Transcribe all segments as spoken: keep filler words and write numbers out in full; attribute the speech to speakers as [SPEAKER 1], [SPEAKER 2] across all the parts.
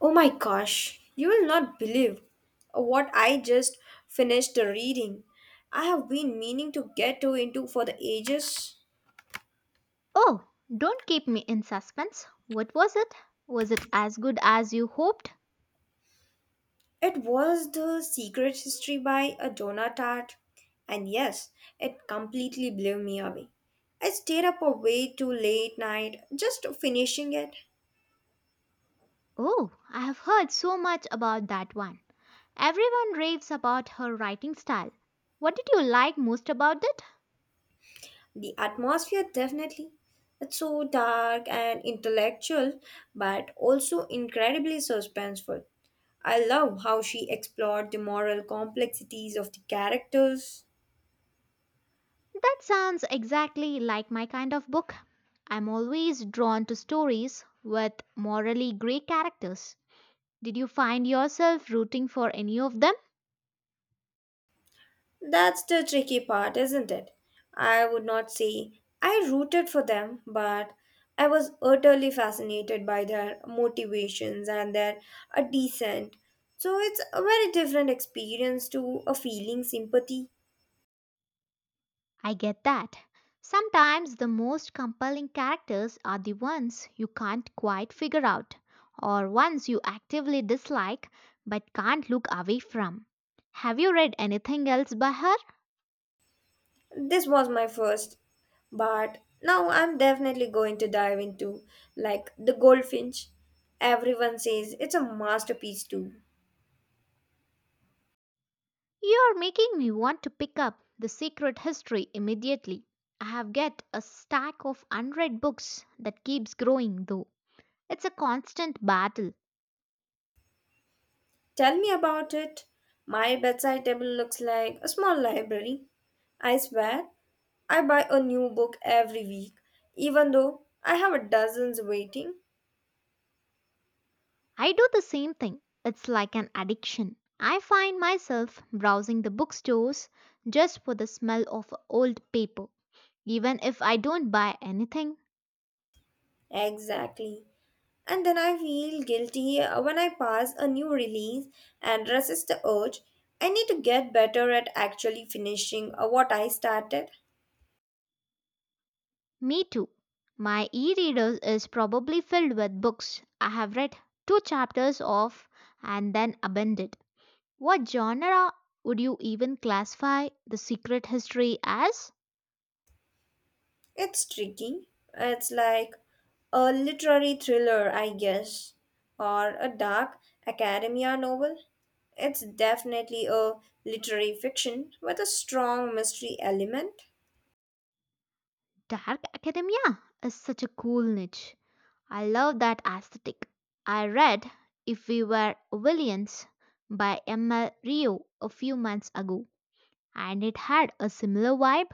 [SPEAKER 1] Oh my gosh, you will not believe what I just finished reading. I have been meaning to get to into for the ages.
[SPEAKER 2] Oh, don't keep me in suspense. What was it? Was it as good as you hoped?
[SPEAKER 1] It was The Secret History by a Donna Tartt, and yes, it completely blew me away. I stayed up way too late night just finishing it.
[SPEAKER 2] Oh, I have heard so much about that one. Everyone raves about her writing style. What did you like most about it?
[SPEAKER 1] The atmosphere, definitely. It's so dark and intellectual, but also incredibly suspenseful. I love how she explored the moral complexities of the characters.
[SPEAKER 2] That sounds exactly like my kind of book. I'm always drawn to stories with morally grey characters. Did you find yourself rooting for any of them?
[SPEAKER 1] That's the tricky part, isn't it? I would not say I rooted for them, but I was utterly fascinated by their motivations and their a descent. So it's a very different experience to a feeling sympathy.
[SPEAKER 2] I get that. Sometimes the most compelling characters are the ones you can't quite figure out, or ones you actively dislike but can't look away from. Have you read anything else by her?
[SPEAKER 1] This was my first, but now I'm definitely going to dive into like The Goldfinch. Everyone says it's a masterpiece too.
[SPEAKER 2] You're making me want to pick up The Secret History immediately. I have got a stack of unread books that keeps growing though. It's a constant battle.
[SPEAKER 1] Tell me about it. My bedside table looks like a small library. I swear, I buy a new book every week, even though I have a dozens waiting.
[SPEAKER 2] I do the same thing. It's like an addiction. I find myself browsing the bookstores just for the smell of old paper, even if I don't buy anything.
[SPEAKER 1] Exactly. And then I feel guilty uh, when I pass a new release and resist the urge. I need to get better at actually finishing uh, what I started.
[SPEAKER 2] Me too. My e reader is probably filled with books I have read two chapters of and then abandoned. What genre would you even classify The Secret History as?
[SPEAKER 1] It's tricky. It's like a literary thriller, I guess, or a dark academia novel. It's definitely a literary fiction with a strong mystery element.
[SPEAKER 2] Dark Academia is such a cool niche. I love that aesthetic. I read If We Were Villains by M L Rio a few months ago and it had a similar vibe.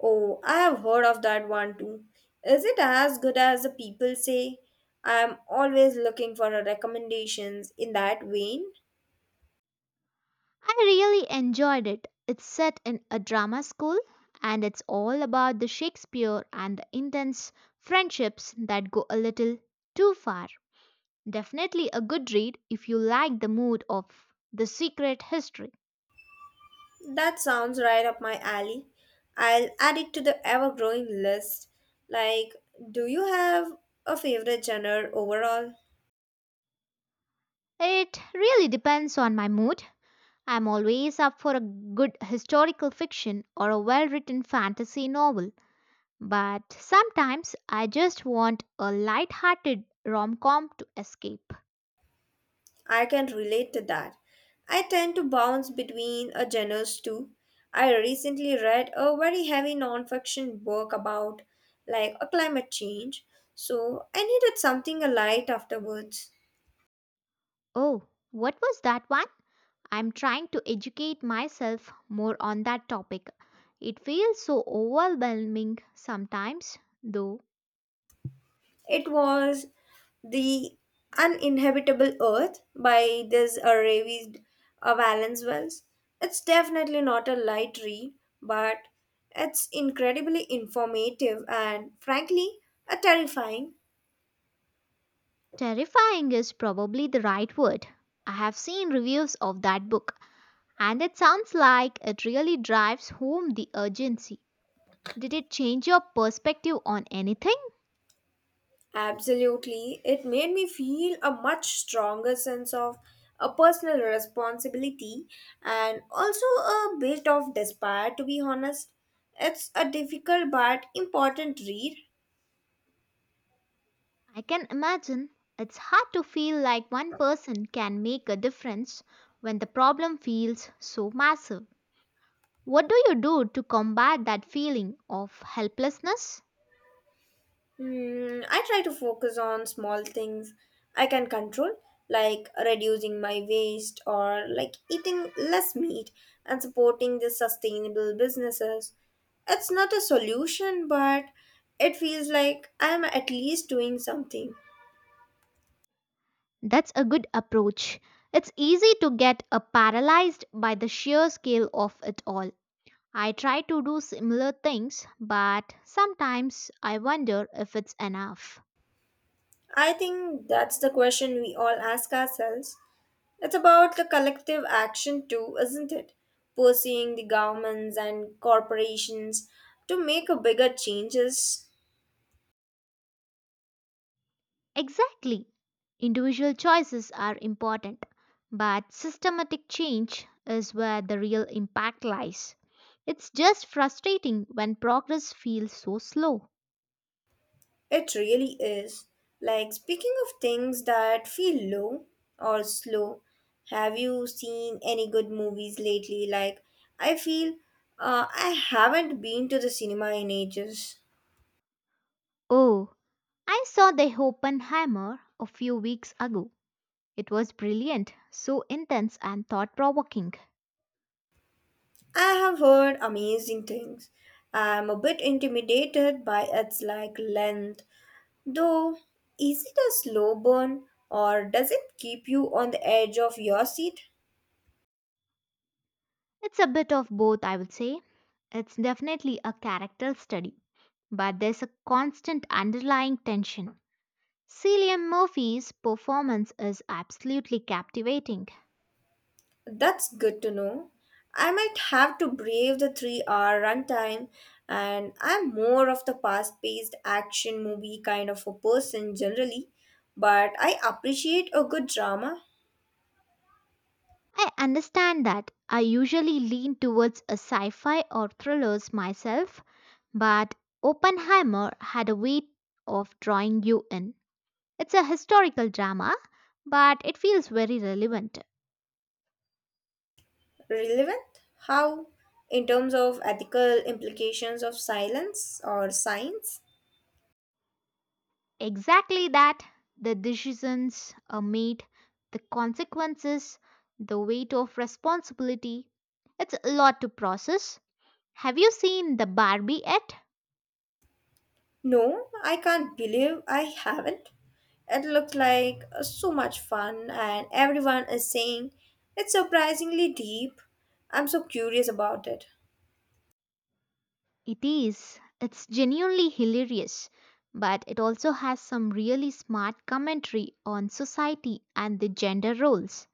[SPEAKER 1] Oh, I have heard of that one too. Is it as good as the people say? I am always looking for a recommendations in that vein.
[SPEAKER 2] I really enjoyed it. It's set in a drama school and it's all about the Shakespeare and the intense friendships that go a little too far. Definitely a good read if you like the mood of The Secret History.
[SPEAKER 1] That sounds right up my alley. I'll add it to the ever growing list. Like, do you have a favorite genre overall?
[SPEAKER 2] It really depends on my mood. I'm always up for a good historical fiction or a well written fantasy novel, but sometimes I just want a light hearted rom com to escape.
[SPEAKER 1] I can relate to that. I tend to bounce between a genres too. I recently read a very heavy nonfiction book about like a climate change, so I needed something light afterwards.
[SPEAKER 2] Oh, what was that one? I'm trying to educate myself more on that topic. It feels so overwhelming sometimes, though.
[SPEAKER 1] It was The Uninhabitable Earth by this uh, Ravi uh, Valence Wells. It's definitely not a light read, but it's incredibly informative and frankly, uh, terrifying.
[SPEAKER 2] Terrifying is probably the right word. I have seen reviews of that book, and it sounds like it really drives home the urgency. Did it change your perspective on anything?
[SPEAKER 1] Absolutely. It made me feel a much stronger sense of a personal responsibility and also a bit of despair to be honest. It's a difficult but important read.
[SPEAKER 2] I can imagine. It's hard to feel like one person can make a difference when the problem feels so massive. What do you do to combat that feeling of helplessness?
[SPEAKER 1] Hmm, I try to focus on small things I can control, like reducing my waste or like eating less meat and supporting the sustainable businesses. It's not a solution, but it feels like I'm at least doing something.
[SPEAKER 2] That's a good approach. It's easy to get uh, paralyzed by the sheer scale of it all. I try to do similar things, but sometimes I wonder if it's enough.
[SPEAKER 1] I think that's the question we all ask ourselves. It's about the collective action too, isn't it? Pursuing the governments and corporations to make a bigger changes.
[SPEAKER 2] Exactly. Individual choices are important, but systematic change is where the real impact lies. It's just frustrating when progress feels so slow.
[SPEAKER 1] It really is. Like speaking of things that feel low or slow, have you seen any good movies lately? Like I feel uh, I haven't been to the cinema in ages.
[SPEAKER 2] Oh, I saw the Oppenheimer a few weeks ago. It was brilliant, so intense and thought provoking.
[SPEAKER 1] I have heard amazing things. I'm a bit intimidated by its like length. Though, is it a slow burn or does it keep you on the edge of your seat?
[SPEAKER 2] It's a bit of both, I would say. It's definitely a character study, but there's a constant underlying tension. Cillian Murphy's performance is absolutely captivating.
[SPEAKER 1] That's good to know. I might have to brave the three hour runtime, and I'm more of the fast paced action movie kind of a person generally, but I appreciate a good drama.
[SPEAKER 2] I understand that. I usually lean towards a sci-fi or thrillers myself, but Oppenheimer had a way of drawing you in. It's a historical drama, but it feels very relevant.
[SPEAKER 1] Relevant? How? In terms of ethical implications of silence or science?
[SPEAKER 2] Exactly that. The decisions are made, the consequences, the weight of responsibility. It's a lot to process. Have you seen the Barbie yet?
[SPEAKER 1] No, I can't believe I haven't. It looked like uh, so much fun, and everyone is saying it's surprisingly deep. I'm so curious about it.
[SPEAKER 2] It is. It's genuinely hilarious, but it also has some really smart commentary on society and the gender roles.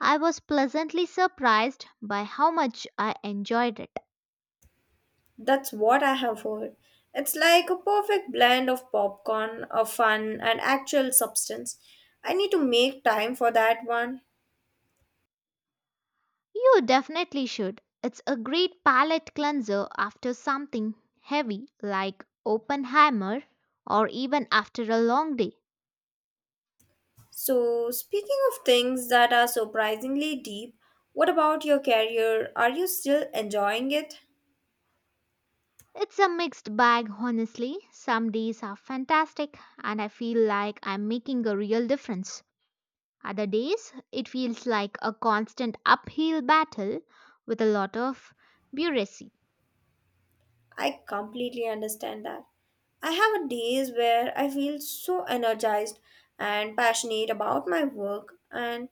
[SPEAKER 2] I was pleasantly surprised by how much I enjoyed it.
[SPEAKER 1] That's what I have heard. It's like a perfect blend of popcorn, of fun, and actual substance. I need to make time for that one.
[SPEAKER 2] You definitely should. It's a great palate cleanser after something heavy like Oppenheimer or even after a long day.
[SPEAKER 1] So, speaking of things that are surprisingly deep, what about your career? Are you still enjoying it?
[SPEAKER 2] It's a mixed bag, honestly. Some days are fantastic and I feel like I'm making a real difference. Other days, it feels like a constant uphill battle with a lot of bureaucracy.
[SPEAKER 1] I completely understand that. I have days where I feel so energized and passionate about my work, and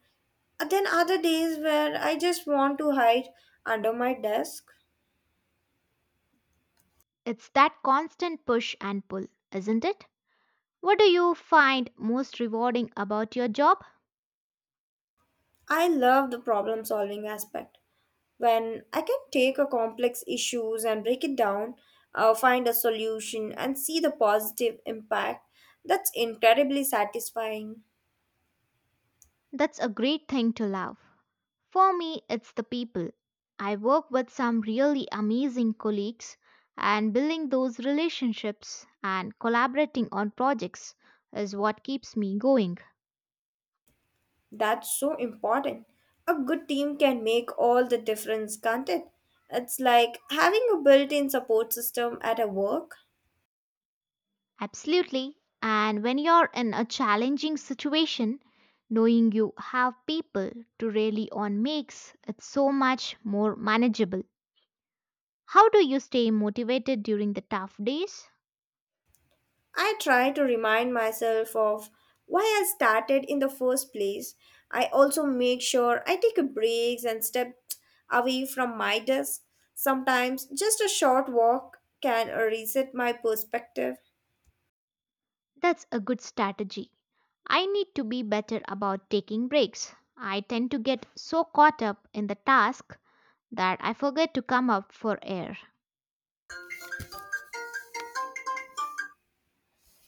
[SPEAKER 1] then other days where I just want to hide under my desk.
[SPEAKER 2] It's that constant push and pull, isn't it? What do you find most rewarding about your job?
[SPEAKER 1] I love the problem solving aspect when I can take a complex issues and break it down, uh, find a solution and see the positive impact. That's incredibly satisfying.
[SPEAKER 2] That's a great thing to love. For me, it's the people. I work with some really amazing colleagues, and building those relationships and collaborating on projects is what keeps me going.
[SPEAKER 1] That's so important. A good team can make all the difference, can't it? It's like having a built in support system at a work.
[SPEAKER 2] Absolutely. And when you're in a challenging situation, knowing you have people to rely on makes it so much more manageable. How do you stay motivated during the tough days?
[SPEAKER 1] I try to remind myself of why I started in the first place. I also make sure I take a breaks and step away from my desk. Sometimes just a short walk can reset my perspective.
[SPEAKER 2] That's a good strategy. I need to be better about taking breaks. I tend to get so caught up in the task that I forget to come up for air.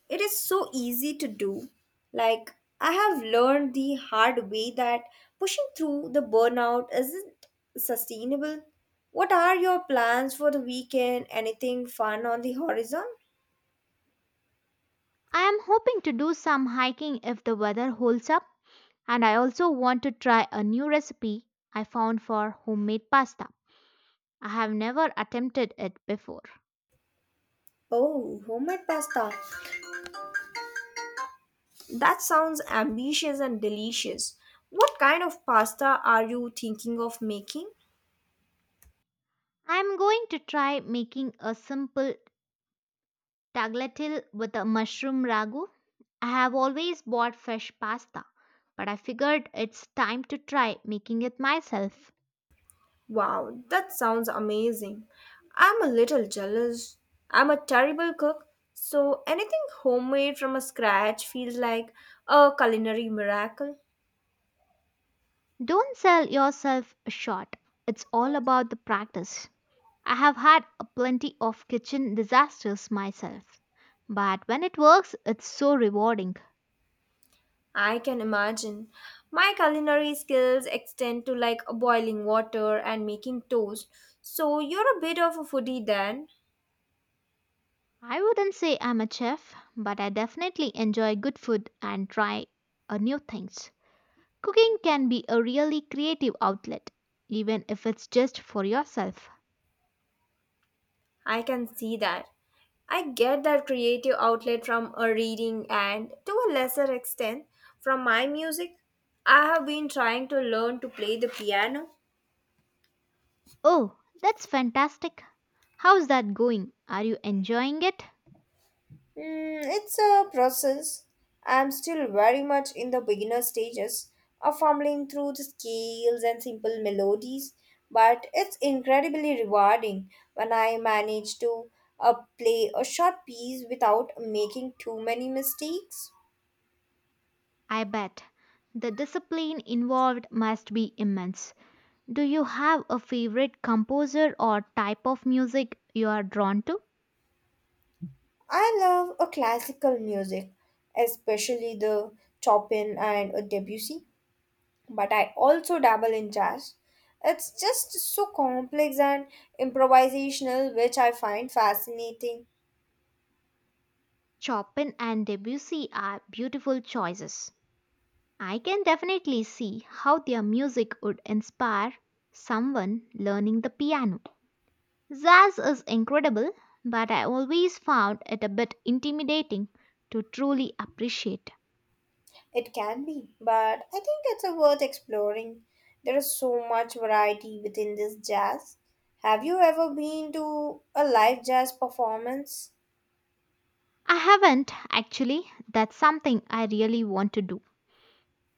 [SPEAKER 1] It is so easy to do. Like, I have learned the hard way that pushing through the burnout isn't sustainable. What are your plans for the weekend? Anything fun on the horizon?
[SPEAKER 2] I am hoping to do some hiking if the weather holds up. And I also want to try a new recipe I found for homemade pasta. I have never attempted it before.
[SPEAKER 1] Oh, homemade pasta. That sounds ambitious and delicious. What kind of pasta are you thinking of making?
[SPEAKER 2] I am going to try making a simple tagliatelle with a mushroom ragu. I have always bought fresh pasta, but I figured it's time to try making it myself.
[SPEAKER 1] Wow, that sounds amazing. I'm a little jealous. I'm a terrible cook, so anything homemade from a scratch feels like a culinary miracle.
[SPEAKER 2] Don't sell yourself short. It's all about the practice. I have had a plenty of kitchen disasters myself, but when it works, it's so rewarding.
[SPEAKER 1] I can imagine. My culinary skills extend to like boiling water and making toast. So you're a bit of a foodie then.
[SPEAKER 2] I wouldn't say I'm a chef, but I definitely enjoy good food and try uh, new things. Cooking can be a really creative outlet, even if it's just for yourself.
[SPEAKER 1] I can see that. I get that creative outlet from a reading and to a lesser extent from my music. I have been trying to learn to play the piano.
[SPEAKER 2] Oh, that's fantastic. How's that going? Are you enjoying it?
[SPEAKER 1] Mm, it's a process. I'm still very much in the beginner stages of fumbling through the scales and simple melodies, but it's incredibly rewarding when I manage to uh, play a short piece without making too many mistakes.
[SPEAKER 2] I bet. The discipline involved must be immense. Do you have a favorite composer or type of music you are drawn to?
[SPEAKER 1] I love a classical music, especially the Chopin and a Debussy, but I also dabble in jazz. It's just so complex and improvisational, which I find fascinating.
[SPEAKER 2] Chopin and Debussy are beautiful choices. I can definitely see how their music would inspire someone learning the piano. Jazz is incredible, but I always found it a bit intimidating to truly appreciate.
[SPEAKER 1] It can be, but I think it's a worth exploring. There is so much variety within this jazz. Have you ever been to a live jazz performance?
[SPEAKER 2] I haven't actually, that's something I really want to do.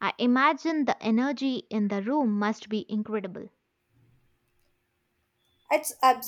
[SPEAKER 2] I imagine the energy in the room must be incredible.
[SPEAKER 1] It's